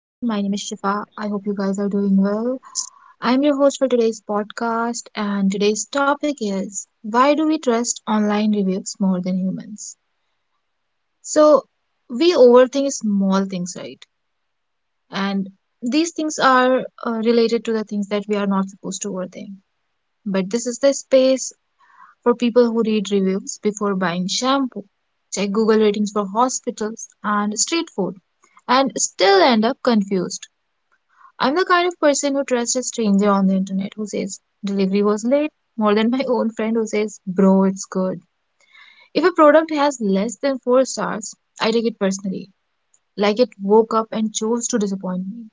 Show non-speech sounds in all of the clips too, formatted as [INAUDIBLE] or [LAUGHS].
Is Shifa. I hope you guys are doing well. I'm your host for today's podcast, and today's topic is why do we trust online reviews more than humans? So, we overthink small things, right? And these things are related to the things that we are not supposed to overthink. But this is the space for people who read reviews before buying shampoo, check Google ratings for hospitals and street food, and still end up confused. I'm the kind of person who trusts a stranger on the internet who says delivery was late more than my own friend who says, bro, it's good. If a product has less than four stars, I take it personally, like it woke up and chose to disappoint me.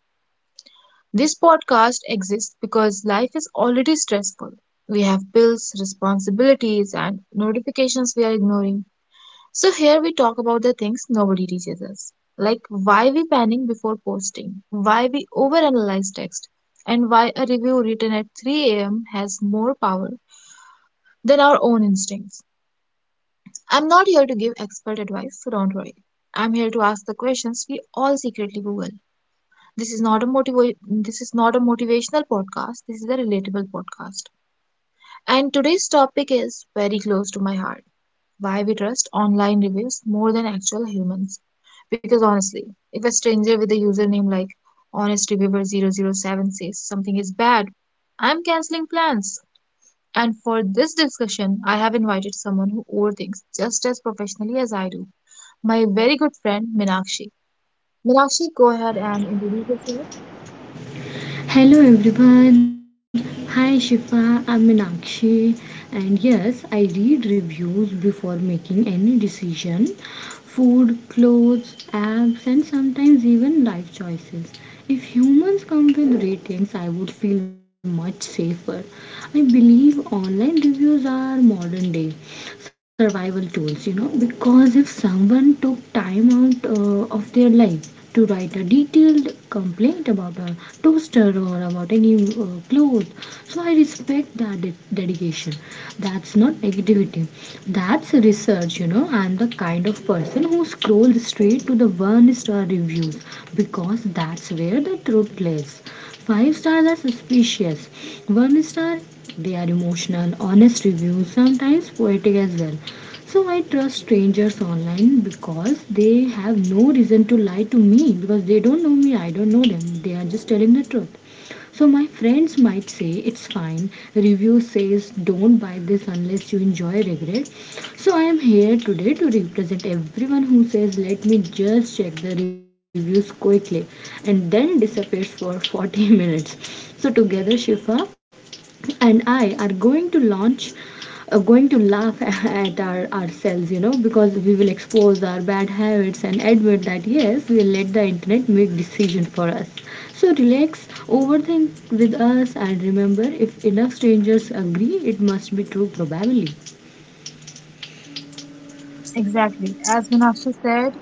This podcast exists because life is already stressful. We have bills, responsibilities, and notifications we are ignoring. So here we talk about the things nobody teaches us, like why we panic before posting, why we overanalyze text, and why a review written at 3 a.m. has more power than our own instincts. I'm not here to give expert advice, so don't worry. I'm here to ask the questions we all secretly Google. This is not a motivational podcast, this is a relatable podcast. And today's topic is very close to my heart, why we trust online reviews more than actual humans. Because honestly, if a stranger with a username like honest reviewer zero zero 007 says something is bad, I'm canceling plans. And for this discussion, I have invited someone who overthinks just as professionally as I do, my very good friend Minakshi. Minakshi, go ahead and introduce yourself. Hello everyone. Hi Shifa, I'm Meenakshi, and yes, I read reviews before making any decision. Food, clothes, apps, and sometimes even life choices. If humans come with ratings, I would feel much safer. I believe online reviews are modern day survival tools, you know because if someone took time out of their life to write a detailed complaint about a toaster or about any cloth, so I respect that dedication. That's not negativity, that's research. You know I'm the kind of person who scrolls straight to the one star reviews, because that's where the truth lives. Five stars are suspicious. One star, they are emotional, honest reviews, sometimes poetic as well. So I trust strangers online because they have no reason to lie to me, because they don't know me, I don't know them. They are just telling the truth. So my friends might say it's fine. Review says don't buy this unless you enjoy regret. So I am here today to represent everyone who says let me just check the reviews quickly and then disappears for [LAUGHS] 40 minutes. So together Shifa and I are going to laugh [LAUGHS] at ourselves, you know because we will expose our bad habits and admit that yes, we let the internet make decision for us. So relax, overthink with us, and remember, if enough strangers agree, it must be true, probably. Exactly. As Minakshi said,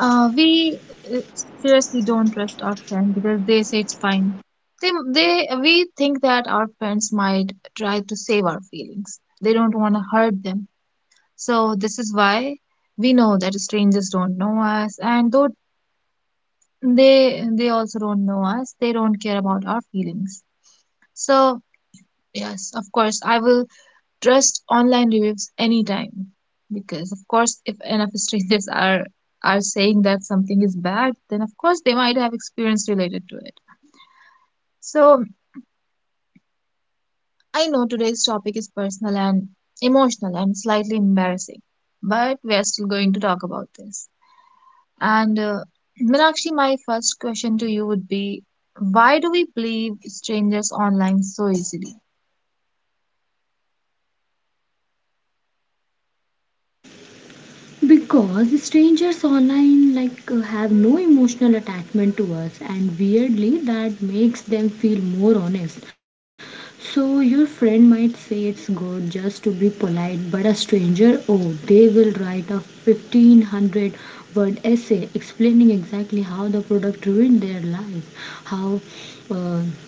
we seriously don't trust our friend because they say it's fine. We think that our friends might try to save our feelings. They don't want to hurt them. So this is why we know that strangers don't know us, and though they also don't know us, they don't care about our feelings. So yes, of course, I will trust online reviews anytime, because of course if enough [LAUGHS] strangers are saying that something is bad, then of course they might have experience related to it. So I know today's topic is personal and emotional and slightly embarrassing, but we are still going to talk about this. And Meenakshi, my first question to you would be, why do we believe strangers online so easily? Because strangers online, like, have no emotional attachment to us, and weirdly that makes them feel more honest. So your friend might say it's good just to be polite, but a stranger, oh, they will write a 1500 word essay explaining exactly how the product ruined their life, how uh,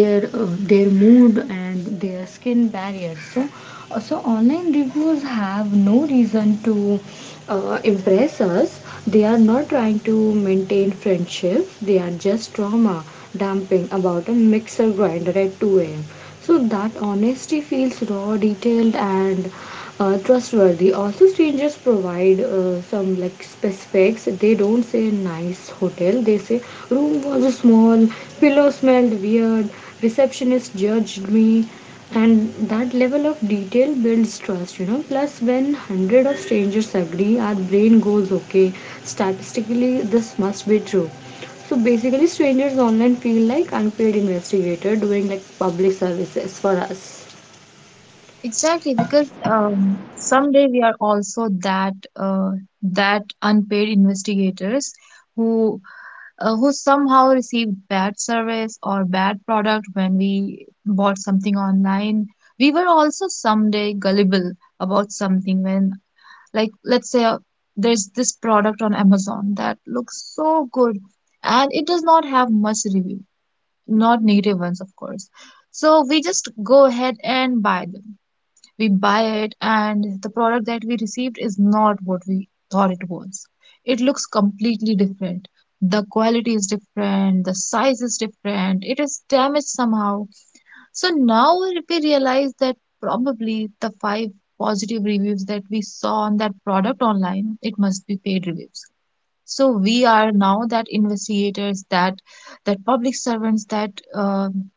their uh, their mood and their skin barrier. So so online reviews have no reason to impress us. They are not trying to maintain friendships, they are just trauma dumping about a mixer grinder at 2 a.m., so that honesty feels raw, detailed, and trustworthy. Also, strangers provide some, like, specifics. They don't say nice hotel. They say room was small, pillow smelled weird, receptionist judged me, and that level of detail builds trust. You know. Plus, when hundred of strangers agree, our brain goes okay. Statistically, this must be true. So basically, strangers online feel like unpaid investigator doing like public services for us. Exactly, because someday we are also that that unpaid investigators who who somehow received bad service or bad product when we bought something online. We were also someday gullible about something when, like, let's say there's this product on Amazon that looks so good and it does not have much review, not negative ones, of course. So we just go ahead and buy them we buy it, and the product that we received is not what we thought it was. It looks completely different, the quality is different, the size is different, it is damaged somehow. So now we realize that probably the five positive reviews that we saw on that product online, it must be paid reviews. So we are now that investigators, that public servants,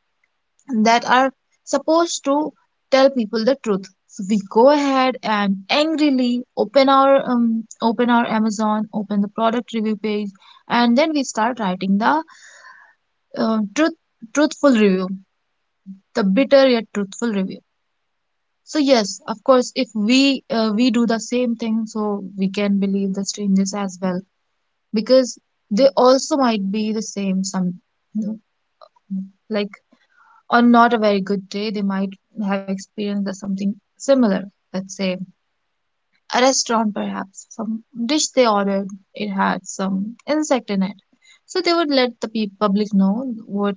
that are supposed to tell people the truth. So we go ahead and angrily open our Amazon, open the product review page, and then we start writing the uh, truth truthful review, the bitter yet truthful review. So yes, of course, if we we do the same thing, so we can believe the strangers as well, because they also might be the same. Some, like, on not a very good day, they might have experienced something similar. Let's say a restaurant, perhaps some dish they ordered, it had some insect in it. So they would let the public know what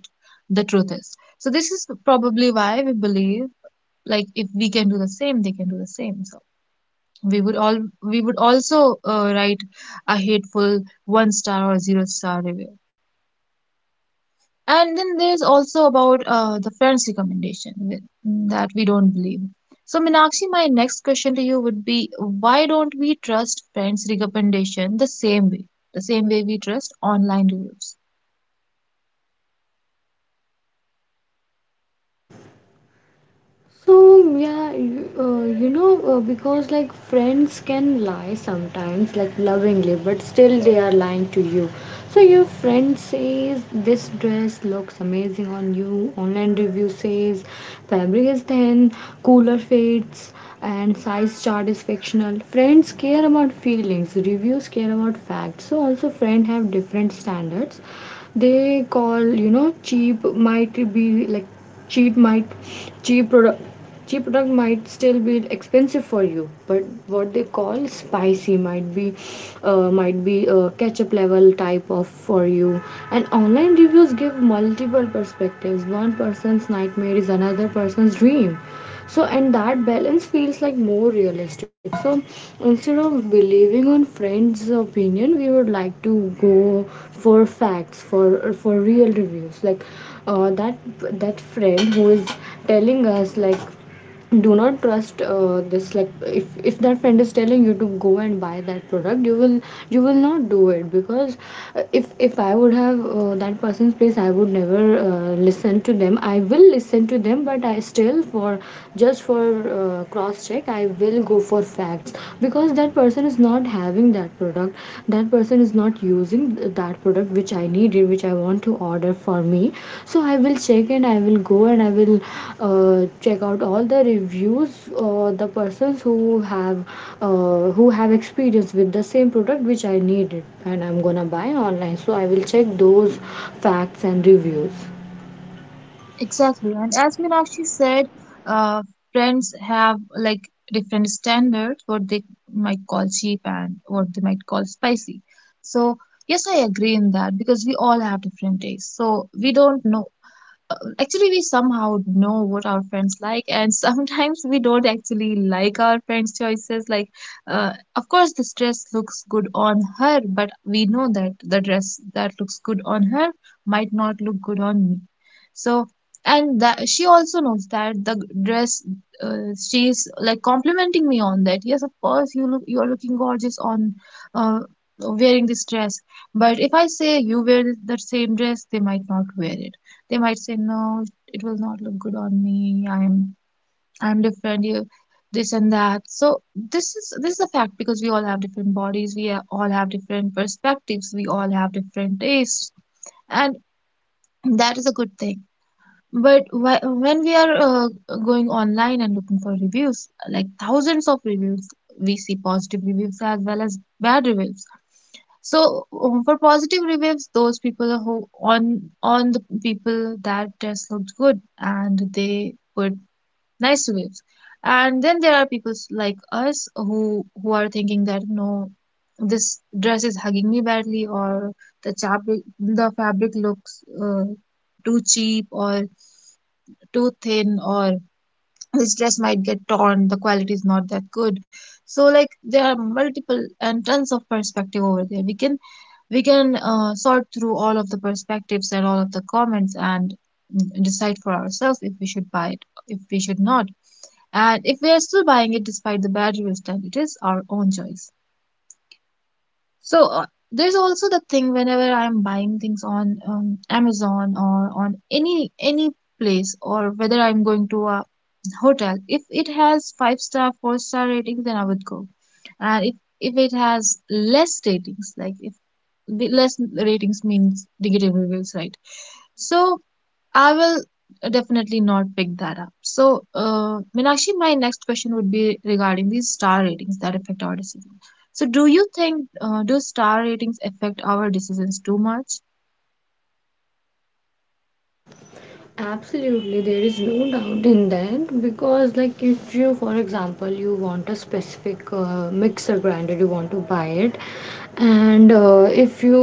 the truth is. So this is probably why we believe, like if we can do the same, they can do the same. So we would also write a hateful one star or zero star review. And then there's also about the friends recommendation that we don't believe. So, Meenakshi, my next question to you would be, why don't we trust friends recommendation the same way we trust online reviews? So yeah, because like friends can lie sometimes, like lovingly, but still they are lying to you. So your friend says this dress looks amazing on you. Online review says fabric is thin, cooler fits, and size chart is fictional. Friends care about feelings. Reviews care about facts. So also friends have different standards. They call, you know cheap might be like cheap might cheap product cheap product might still be expensive for you, but what they call spicy might be, might be a ketchup level type of for you. And online reviews give multiple perspectives. One person's nightmare is another person's dream, so and that balance feels like more realistic. So instead of believing on friends opinion, we would like to go for facts, for real reviews, like uh, that that friend who is telling us like, do not trust this. Like, if that friend is telling you to go and buy that product, you will, you will not do it. Because if I would have that person's place, I would never listen to them. I will listen to them, but I still, for just for cross check, I will go for facts, because that person is not having that product. That person is not using that product which I needed, which I want to order for me. So I will check, and I will go, and I will uh, check out all the reviews, the persons have who have experience with the same product which I needed and I'm gonna buy online. So I will check those facts and reviews. Exactly. And as Meenakshi said, uh, friends have, like, different standards, what they might call cheap and what they might call spicy. So, yes, I agree in that, because we all have different tastes. So, we don't know, actually we somehow know what our friends like, and [LAUGHS] sometimes we don't actually like our friends choices, like of course this dress looks good on her, but we know that the dress that looks good on her might not look good on me. So, and that she also knows that the dress, she's like complimenting me on that, yes of course you look, you are looking gorgeous on, uh, wearing this dress, but if I say you wear the same dress, they might not wear it. They might say, no, it will not look good on me. I'm different. You, this and that. So this is a fact, because we all have different bodies. We all have different perspectives. We all have different tastes, and that is a good thing. But when we are going online and looking for reviews, like thousands of reviews, we see positive reviews as well as bad reviews. So for positive reviews, those people who on the people that dress looked good, and they put nice reviews, and then there are people like us who are thinking that, no, this dress is hugging me badly, or the fabric looks too cheap, or too thin, or this dress might get torn, the quality is not that good. So like there are multiple and tons of perspective over there. We can sort through all of the perspectives and all of the comments and decide for ourselves if we should buy it, if we should not. And if we are still buying it despite the bad reviews, then it is our own choice. So there's also the thing, whenever I am buying things on Amazon or on any place, or whether I'm going to a hotel. If it has five star, four-star ratings, then I would go. And if it has less ratings, like if the less ratings means negative reviews, right? So I will definitely not pick that up. So, Meenakshi, my next question would be regarding these star ratings that affect our decisions. So, do you think do star ratings affect our decisions too much? Absolutely, there is no doubt in that because, like, if you, for example, you want a specific mixer grinder, you want to buy it, and if you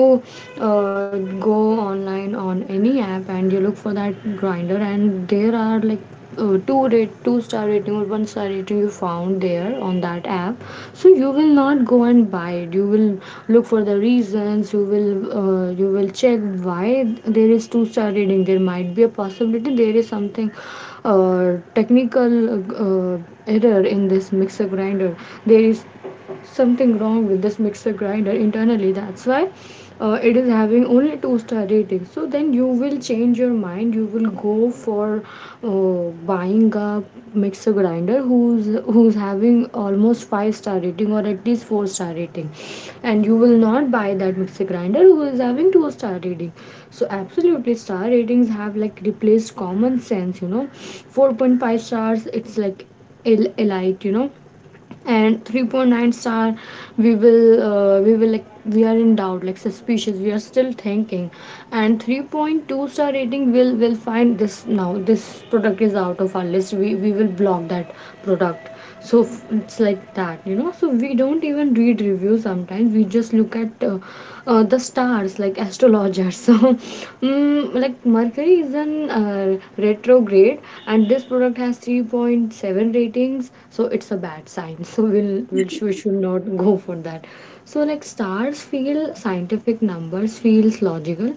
go online on any app and you look for that grinder, and there are like two star rating or one star rating you found there on that app, so you will not go and buy it. You will look for the reasons. You will you will check why there is two-star rating. There might be a possibility there is something technical uh, error in this mixer grinder. There is something wrong with this mixer grinder internally, that's why it is having only two-star rating. So then you will change your mind. You will go for buying a mixer grinder who's having almost five-star rating or at least four-star rating, and you will not buy that mixer grinder who is having two-star rating. So absolutely, star ratings have like replaced common sense. You know 4.5 stars, it's like elite, you know and 3.9 star, we will, we are in doubt, like suspicious. We are still thinking. And 3.2-star rating will find this, now this product is out of our list. We will block that product. So it's like that. You know so we don't even read reviews sometimes. We just look at the stars like astrology, Roger. [LAUGHS] So, like Mercury is an retrograde, and this product has 3.7 ratings, so it's a bad sign. [LAUGHS] So we should not go for that. So like, stars feel scientific, numbers feels logical,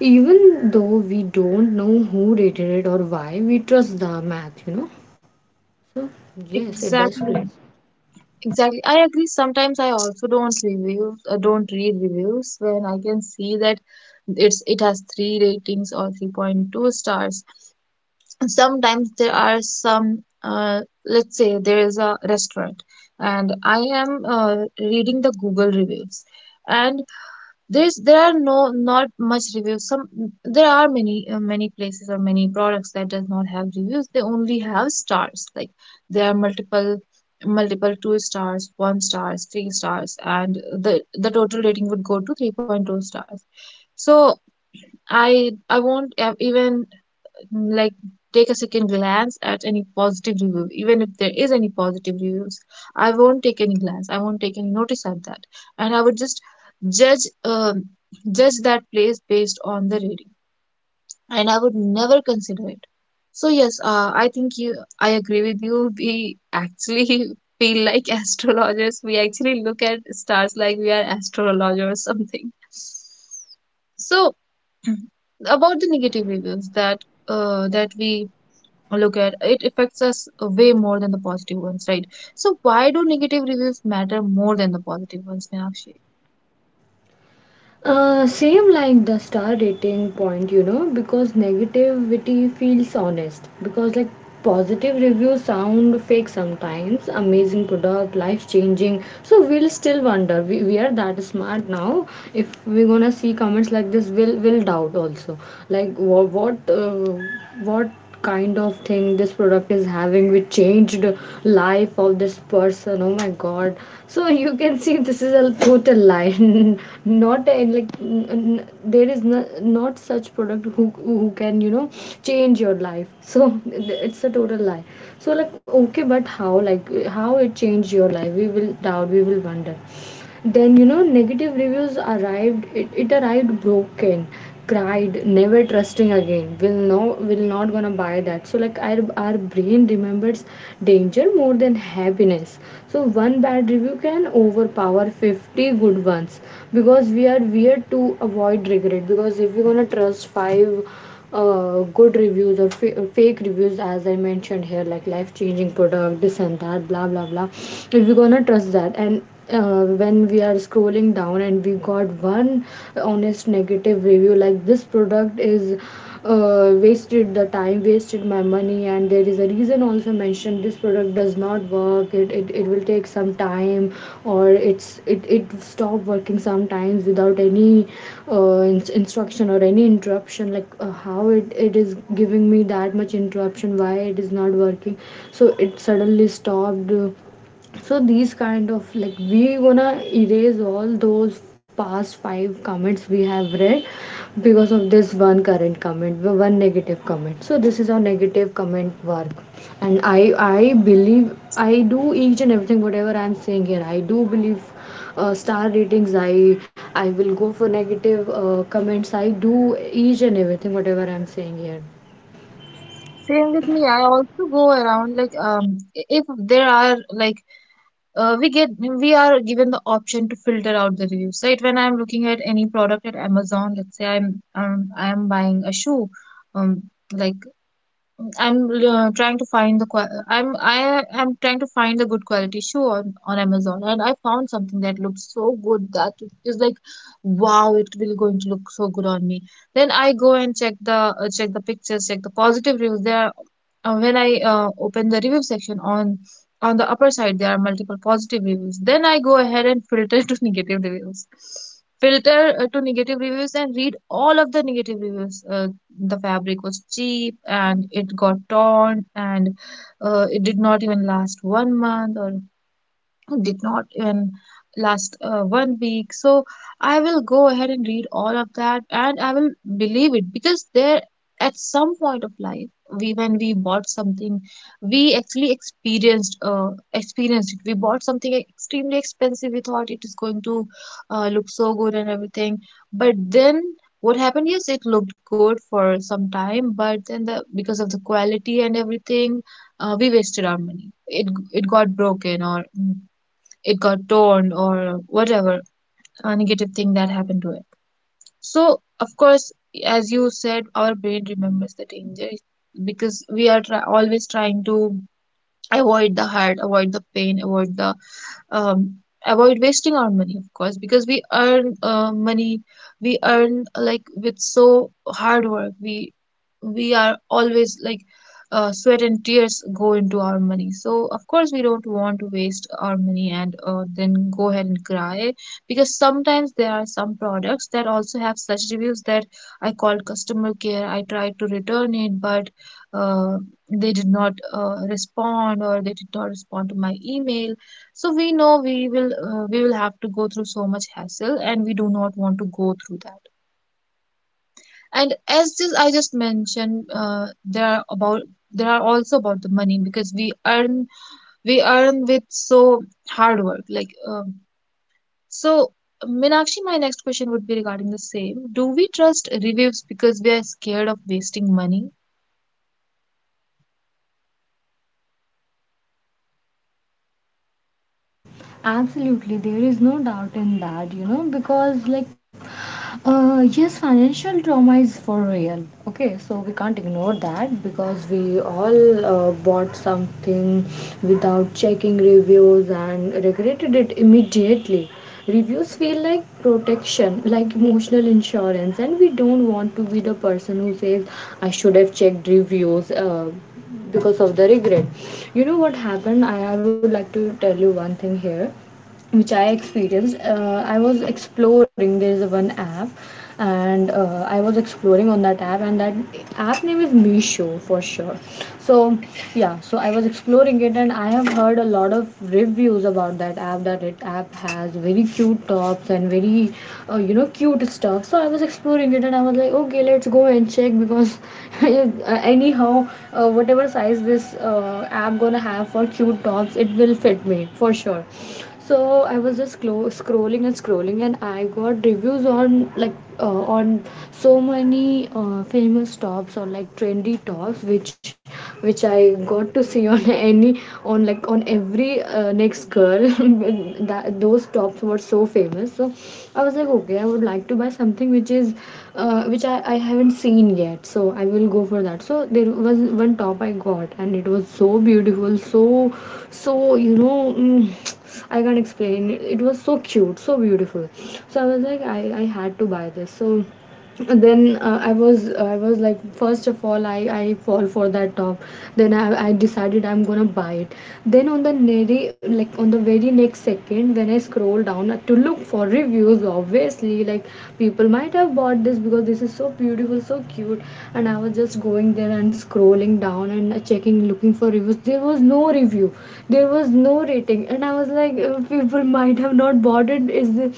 even though we don't know who rated it or why. We trust the math. You know. So yes, it does play. Exactly. Exactly. I agree. Sometimes I also don't review, don't read reviews when I can see that it has three ratings or 3.2 stars. Sometimes there are some, let's say there is a restaurant, and I am reading the Google reviews, and there are no, not much reviews, some, there are many many places or many products that does not have reviews, they only have stars, like there are multiple, multiple two stars, one stars, three stars, and the the total rating would go to 3.2 stars. So i I won't have even, like, take a second glance at any positive review, even if there is any positive reviews. I won't take any glance, I won't take any notice at that, and I would just judge, judge that place based on the rating, and I would never consider it. So yes, I think you, I agree with you, we actually [LAUGHS] feel like astrologers, we actually look at stars like we are astrologers or something. So [CLEARS THROAT] about the negative reviews that that we look at, it affects us way more than the positive ones, right? So why do negative reviews matter more than the positive ones, Meenakshi? Same like the star rating point, you know, because negativity feels honest. Because, like, positive reviews sound fake sometimes, amazing product, life changing. So, we'll still wonder. We are that smart now. If we're gonna see comments like this, we'll doubt also. Like, what kind of thing this product is having which changed life of this person. Oh my god, so you can see this is a total lie. [LAUGHS] Not a, like, there is no, not such product who can, you know, change your life. [LAUGHS] So it's a total lie. So like, okay, but how, like how it changed your life? We will doubt, we will wonder. Then you know, negative reviews arrived. It arrived broken, cried, never trusting again. Will not gonna buy that. So, like, our brain remembers danger more than happiness. So, one bad review can overpower 50 good ones, because we are weird to avoid regret. Because if we're gonna trust five good reviews, or fake reviews, as I mentioned here, like life changing product, this and that, blah blah blah. If we're gonna trust that, and when we are scrolling down and we got one honest negative review, like this product is wasted the time, wasted my money, and they, there is a reason also mentioned, this product does not work, it will take some time, or it's it stop working sometimes without any instruction or any interruption. Like how it is giving me that much interruption, why it is not working. So it suddenly stopped. Uh, so these kind of, like, we gonna erase all those past five comments we have read because of this one current comment, one negative comment. So this is how negative comment work, and I believe, I do each and everything whatever I'm saying here. I do believe star ratings. I will go for negative comments. I do each and everything whatever I'm saying here. Same with me. I also go around like if there are like we get we are given the option to filter out the reviews, right? When I'm looking at any product at Amazon, let's say I'm I'm buying a shoe, um like I am trying to find a good quality shoe on Amazon, and I found something that looks so good that it is like, wow, it will going to look so good on me. Then I go and check the pictures, check the positive reviews there. Uh, when I open the review section on the upper side, there are multiple positive reviews. Then I go ahead and filter [LAUGHS] to negative reviews, and read all of the negative reviews. The fabric was cheap and it got torn, and it did not even last one month, or did not even last one week. So I will go ahead and read all of that, and I will believe it. Because there at some point of life, we when we bought something, we actually experienced it. We bought something extremely expensive. We thought it is going to look so good and everything, but then what happened? Yes, it looked good for some time, but then the because of the quality and everything, we wasted our money. It got broken, or it got torn, or whatever, a negative thing that happened to it. So of course, as you said, our brain remembers the danger, because we are always trying to avoid the hurt, avoid the pain, avoid the um, avoid wasting our money, of course, because we earn money, we earn like with so hard work. We are always like sweat and tears go into our money. So of course we don't want to waste our money and then go ahead and cry, because sometimes there are some products that also have such reviews that I called customer care. I tried to return it, but uh, they did not respond, or they did not respond to my email. So we know we will have to go through so much hassle, and we do not want to go through that. And as just I just mentioned, there are about there are also about the money, because we earn with so hard work, like, so Minakshi, my next question would be regarding the same. Do we trust reviews because we are scared of wasting money? Absolutely, there is no doubt in that, you know because like, yes, financial trauma is for real. Okay, so we can't ignore that, because we all bought something without checking reviews and regretted it immediately. Reviews feel like protection, like emotional insurance, and we don't want to be the person who says, I should have checked reviews. Because of the regret, you know what happened? I would like to tell you one thing here which I experienced. I was exploring. There is a one app, and I was exploring on that app, and that app name is Meesho for sure. So yeah, so I was exploring it, and I have heard a lot of reviews about that app, that it app has very cute tops and very you know cute stuff. So I was exploring it, and I was like, okay, let's go and check because [LAUGHS] anyhow, whatever size this app gonna have for cute tops, it will fit me for sure so I was just scrolling and scrolling, and I got reviews on like on so many famous tops or like trendy tops which I got to see on [LAUGHS] any on like on every next girl [LAUGHS] that those tops were so famous. So I was like, okay, I would like to buy something which is which I haven't seen yet, so I will go for that. So there was one top I got, and it was so beautiful. So so you know mm, I can't explain. It was so cute, so beautiful. So I was like, I had to buy this. So then I was like, first of all, I fall for that top, then I decided I'm gonna buy it. Then on the very like on the very next second when I scroll down to look for reviews, obviously like people might have bought this because this is so beautiful, so cute. And I was just going there and scrolling down and checking, looking for reviews. There was no review, there was no rating, and I was like, people might have not bought it. Is it,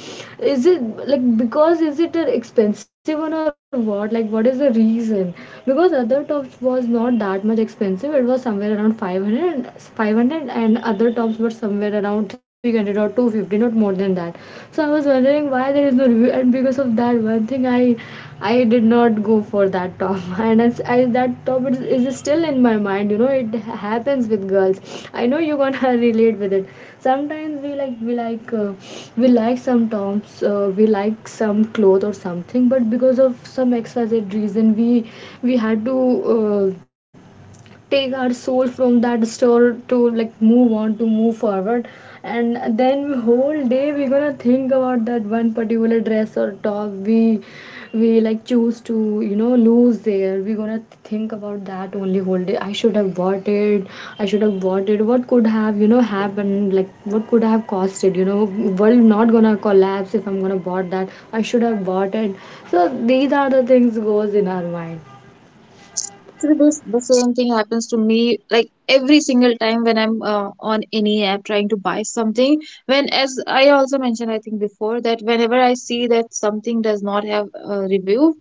is it like, because is it an expensive one, or what, like what is the reason? Because other tops was not that much expensive. It was somewhere around five hundred, and five hundred, and other tops were somewhere around 300 or 250, not more than that. So I was wondering why there is no review, and because of that one thing, I did not go for that top, [LAUGHS] and as I, that top is still in my mind. You know, it happens with girls. I know you gonna [LAUGHS] relate with it. Sometimes we like some tops, we like some clothes or something, but because of some XYZ reason, we had to. Uh, Take our soul from that store to like move on, to move forward. And then whole day we're gonna think about that one particular dress or top we like choose to you know lose there. We're gonna think about that only whole day. I should have bought it, I should have bought it. What could have you know happened, like what could have costed, you know, world not gonna collapse if I'm gonna bought that. I should have bought it. So these are the things goes in our mind. Actually, this the same thing happens to me like every single time when I'm on any app trying to buy something. When as I also mentioned, I think before, that whenever I see that something does not have a review,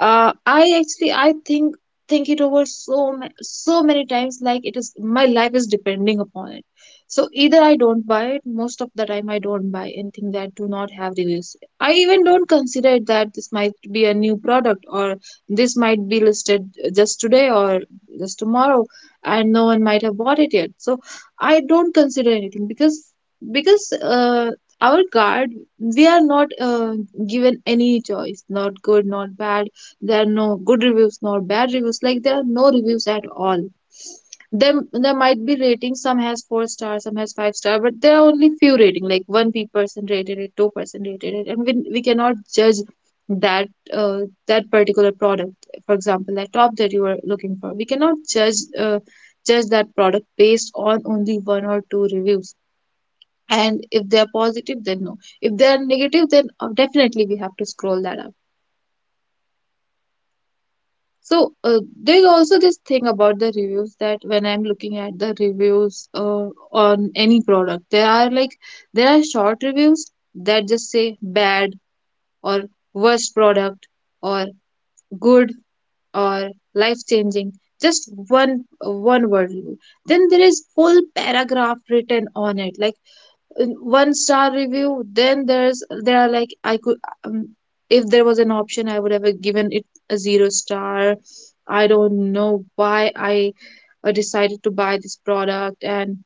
I actually I think it over so so many times, like it is my life is depending upon it. So either I don't buy it, most of the time I don't buy anything that do not have reviews. I even don't consider it that this might be a new product, or this might be listed just today or just tomorrow, and no one might have bought it yet. So I don't consider anything, because because uh, our card, we are not given any choice, not good, not bad. There are no good reviews, nor bad reviews. Like, there are no reviews at all. There might be ratings. Some has four stars, some has five star, but there are only few rating. Like one person rated it, two-person rated it, and we cannot judge that uh, that particular product. For example, that top that you were looking for, we cannot judge that product based on only one or two reviews. And if they are positive, then no. If they are negative, then definitely we have to scroll that up. So there's also this thing about the reviews that when I'm looking at the reviews on any product, there are like there are short reviews that just say bad, or worst product, or good, or life changing, just one word review. Then there is full paragraph written on it, like, one star review. Then there are like I could um, if there was an option, I would have given it a zero star. I don't know why I decided to buy this product, and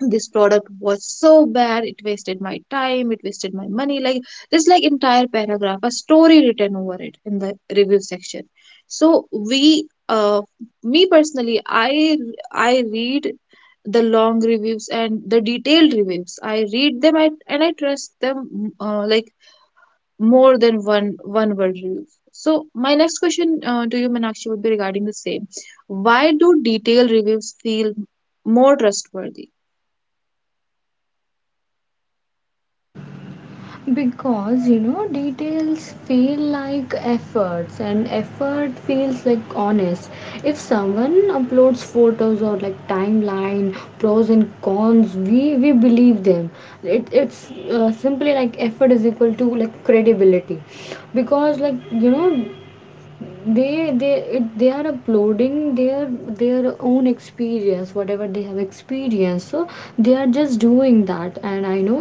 this product was so bad. It wasted my time, it wasted my money, like this, like entire paragraph, a story written over it in the review section. So we me personally, I read the long reviews and the detailed reviews. I read them at, and I trust them, like more than one word reviews. So my next question to you, Manakshi, would be regarding the same. Why do detailed reviews feel more trustworthy? Because you know details feel like efforts, and effort feels like honest. If someone uploads photos or like timeline, pros and cons, we believe them. It's simply like effort is equal to like credibility. Because like you know they they they are uploading their own experience, whatever they have experienced. So they are just doing that, and I know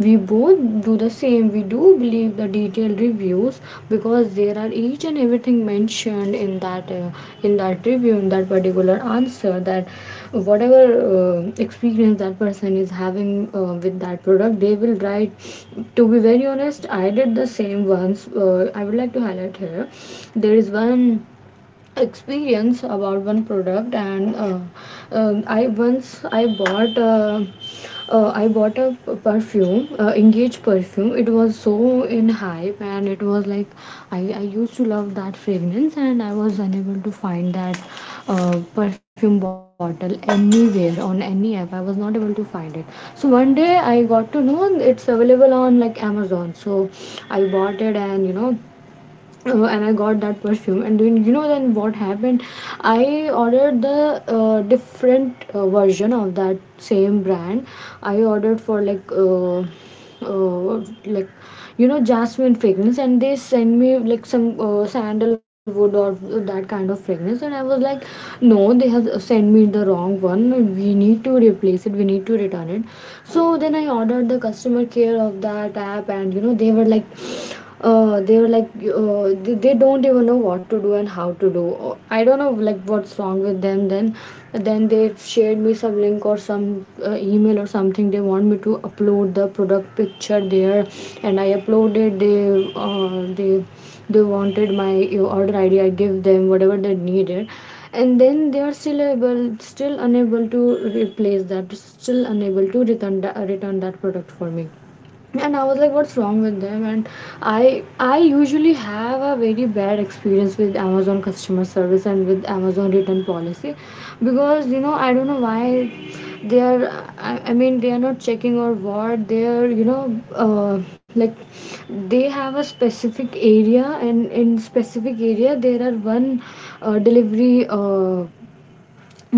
we both do the same. We do believe the detailed reviews because there are each and everything mentioned in that review, in that particular answer, that whatever experience that person is having with that product, they will write. To be very honest, I did the same once. I would like to highlight here there is one experience about one product. And I once I bought I bought a perfume, Engage perfume. It was so in hype, and it was like, I used to love that fragrance, and I was unable to find that perfume bottle anywhere on any app. I was not able to find it. So one day I got to know it's available on like Amazon. So I bought it, and you know and I got that perfume. And then you know then what happened? I ordered the different version of that same brand. I ordered for like uh, like you know jasmine fragrance, and they sent me like some sandalwood or that kind of fragrance, and I was like, no, they have sent me the wrong one. We need to replace it. We need to return it. So then I ordered the customer care of that app, and you know they were like they were like they don't even know what to do and how to do. I don't know like what's wrong with them. Then they shared me some link or some email or something. They want me to upload the product picture there, and I uploaded. They they wanted my order ID. I give them whatever they needed, and then they are still unable to replace that, still unable to return that product for me. And I was like, what's wrong with them? And I usually have a very bad experience with Amazon customer service and with Amazon return policy. Because you know I don't know why they are I mean they are not checking or what. They are you know like they have a specific area, and in specific area there are one delivery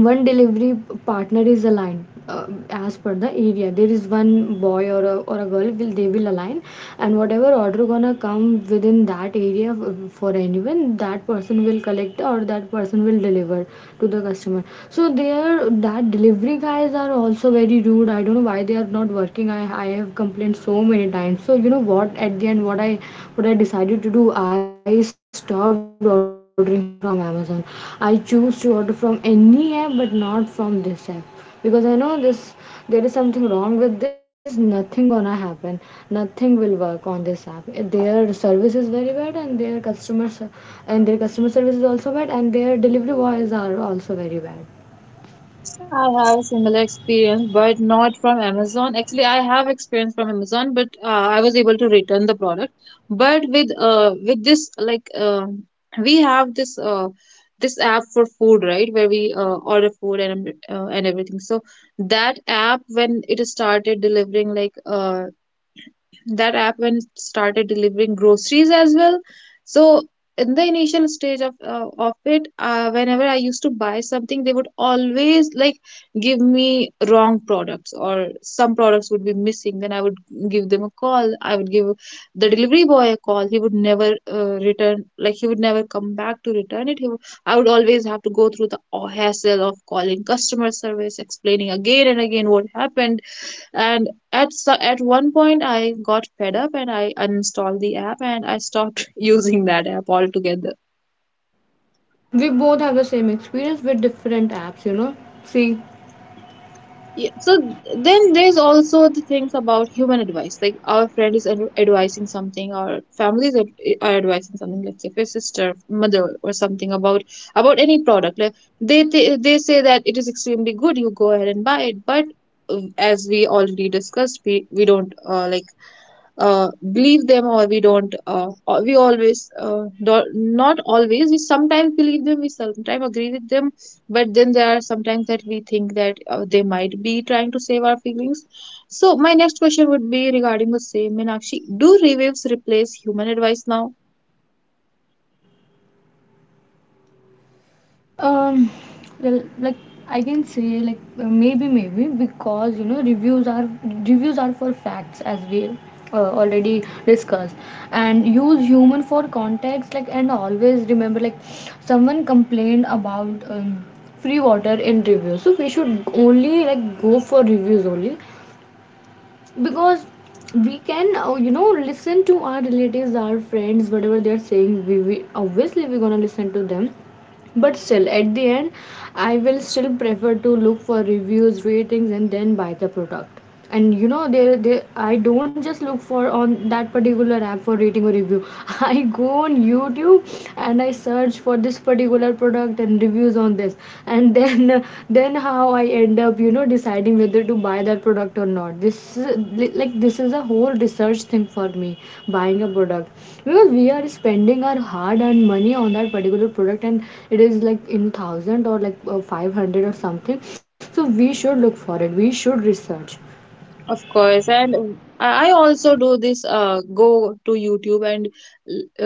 one delivery partner is aligned as per the area. There is one boy or a girl will they will align, and whatever order gonna come within that area for anyone, that person will collect or that person will deliver to the customer. So they are that delivery guys are also very rude. I don't know why they are not working. I have complained so many times. So so you know what? At the end, what I decided to do, I stopped ordering from Amazon. I choose to order from any app, but not from this app because I know this. There is something wrong with this. Nothing gonna happen. Nothing will work on this app. Their service is very bad, and their customer service is also bad, and their delivery boys are also very bad. I have a similar experience, but not from Amazon. Actually, I have experience from Amazon, but I was able to return the product. But with this, like, we have this this app for food, right? Where we order food and everything. So that app when it started delivering like uh that app when it started delivering groceries as well. So in the initial stage of it, whenever I used to buy something, they would always like give me wrong products, or some products would be missing. Then I would give the delivery boy a call. He would never return like he would never come back to return it. He would, I would always have to go through the hassle of calling customer service, explaining again and again what happened. And at one point, I got fed up, and I uninstalled the app, and I stopped [LAUGHS] using that app altogether. We both have the same experience with different apps. You know, see. Yeah, so then there's also the things about human advice, like our friend is advising something, our families are advising something. Let's say if a sister, mother, or something about any product, like, they they say that it is extremely good, you go ahead and buy it. But uh, as we already discussed, we don't uh, believe them, or we don't or we always not always, we sometimes believe them, we sometimes agree with them. But then there are sometimes that we think that they might be trying to save our feelings. So my next question would be regarding the same, Meenakshi. Do reviews replace human advice now? Um, well, like I can say, like maybe because you know reviews are for facts, as we already discussed, and use human for context, like, and always remember, like someone complained about free water in reviews, so we should only like go for reviews only. Because we can you know listen to our relatives, our friends, whatever they're saying, we obviously we're gonna listen to them, but still at the end I will still prefer to look for reviews, ratings, and then buy the product. And you know there I don't just look for on that particular app for rating or review. [LAUGHS] I go on YouTube and I search for this particular product and reviews on this and [LAUGHS] then and how I end up, you know, deciding whether to buy that product or not. This is like this is a whole research thing for me, buying a product, because we are spending our hard-earned money on that particular product, and it is like in thousand or like 500 or something. So we should look for it. We should research. Of course, and I also do this, go to YouTube and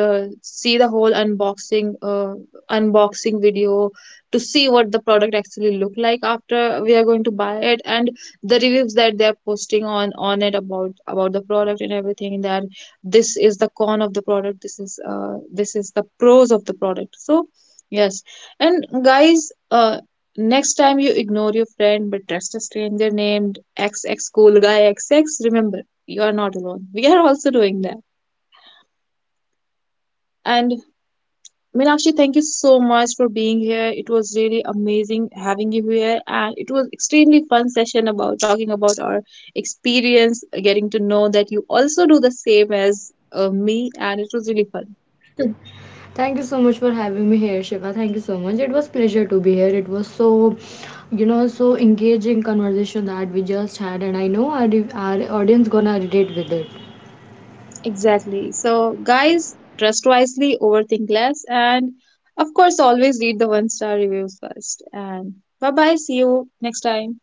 see the whole unboxing video, to see what the product actually look like after we are going to buy it, and the reviews that they're posting on it about the product, and everything that this is the con of the product, this is the pros of the product. So yes, and guys, next time you ignore your friend but trust a stranger named X X cool guy X X, remember, you are not alone. We are also doing that. And Meenakshi, thank you so much for being here. It was really amazing having you here, and it was extremely fun session about talking about our experience, getting to know that you also do the same as me, and it was really fun. Thank you so much for having me here, Shiva. Thank you so much. It was pleasure to be here. It was so, you know, so engaging conversation that we just had, and I know our audience gonna relate with it. Exactly. So, guys, trust wisely, overthink less, and of course, always read the one star reviews first. And bye bye. See you next time.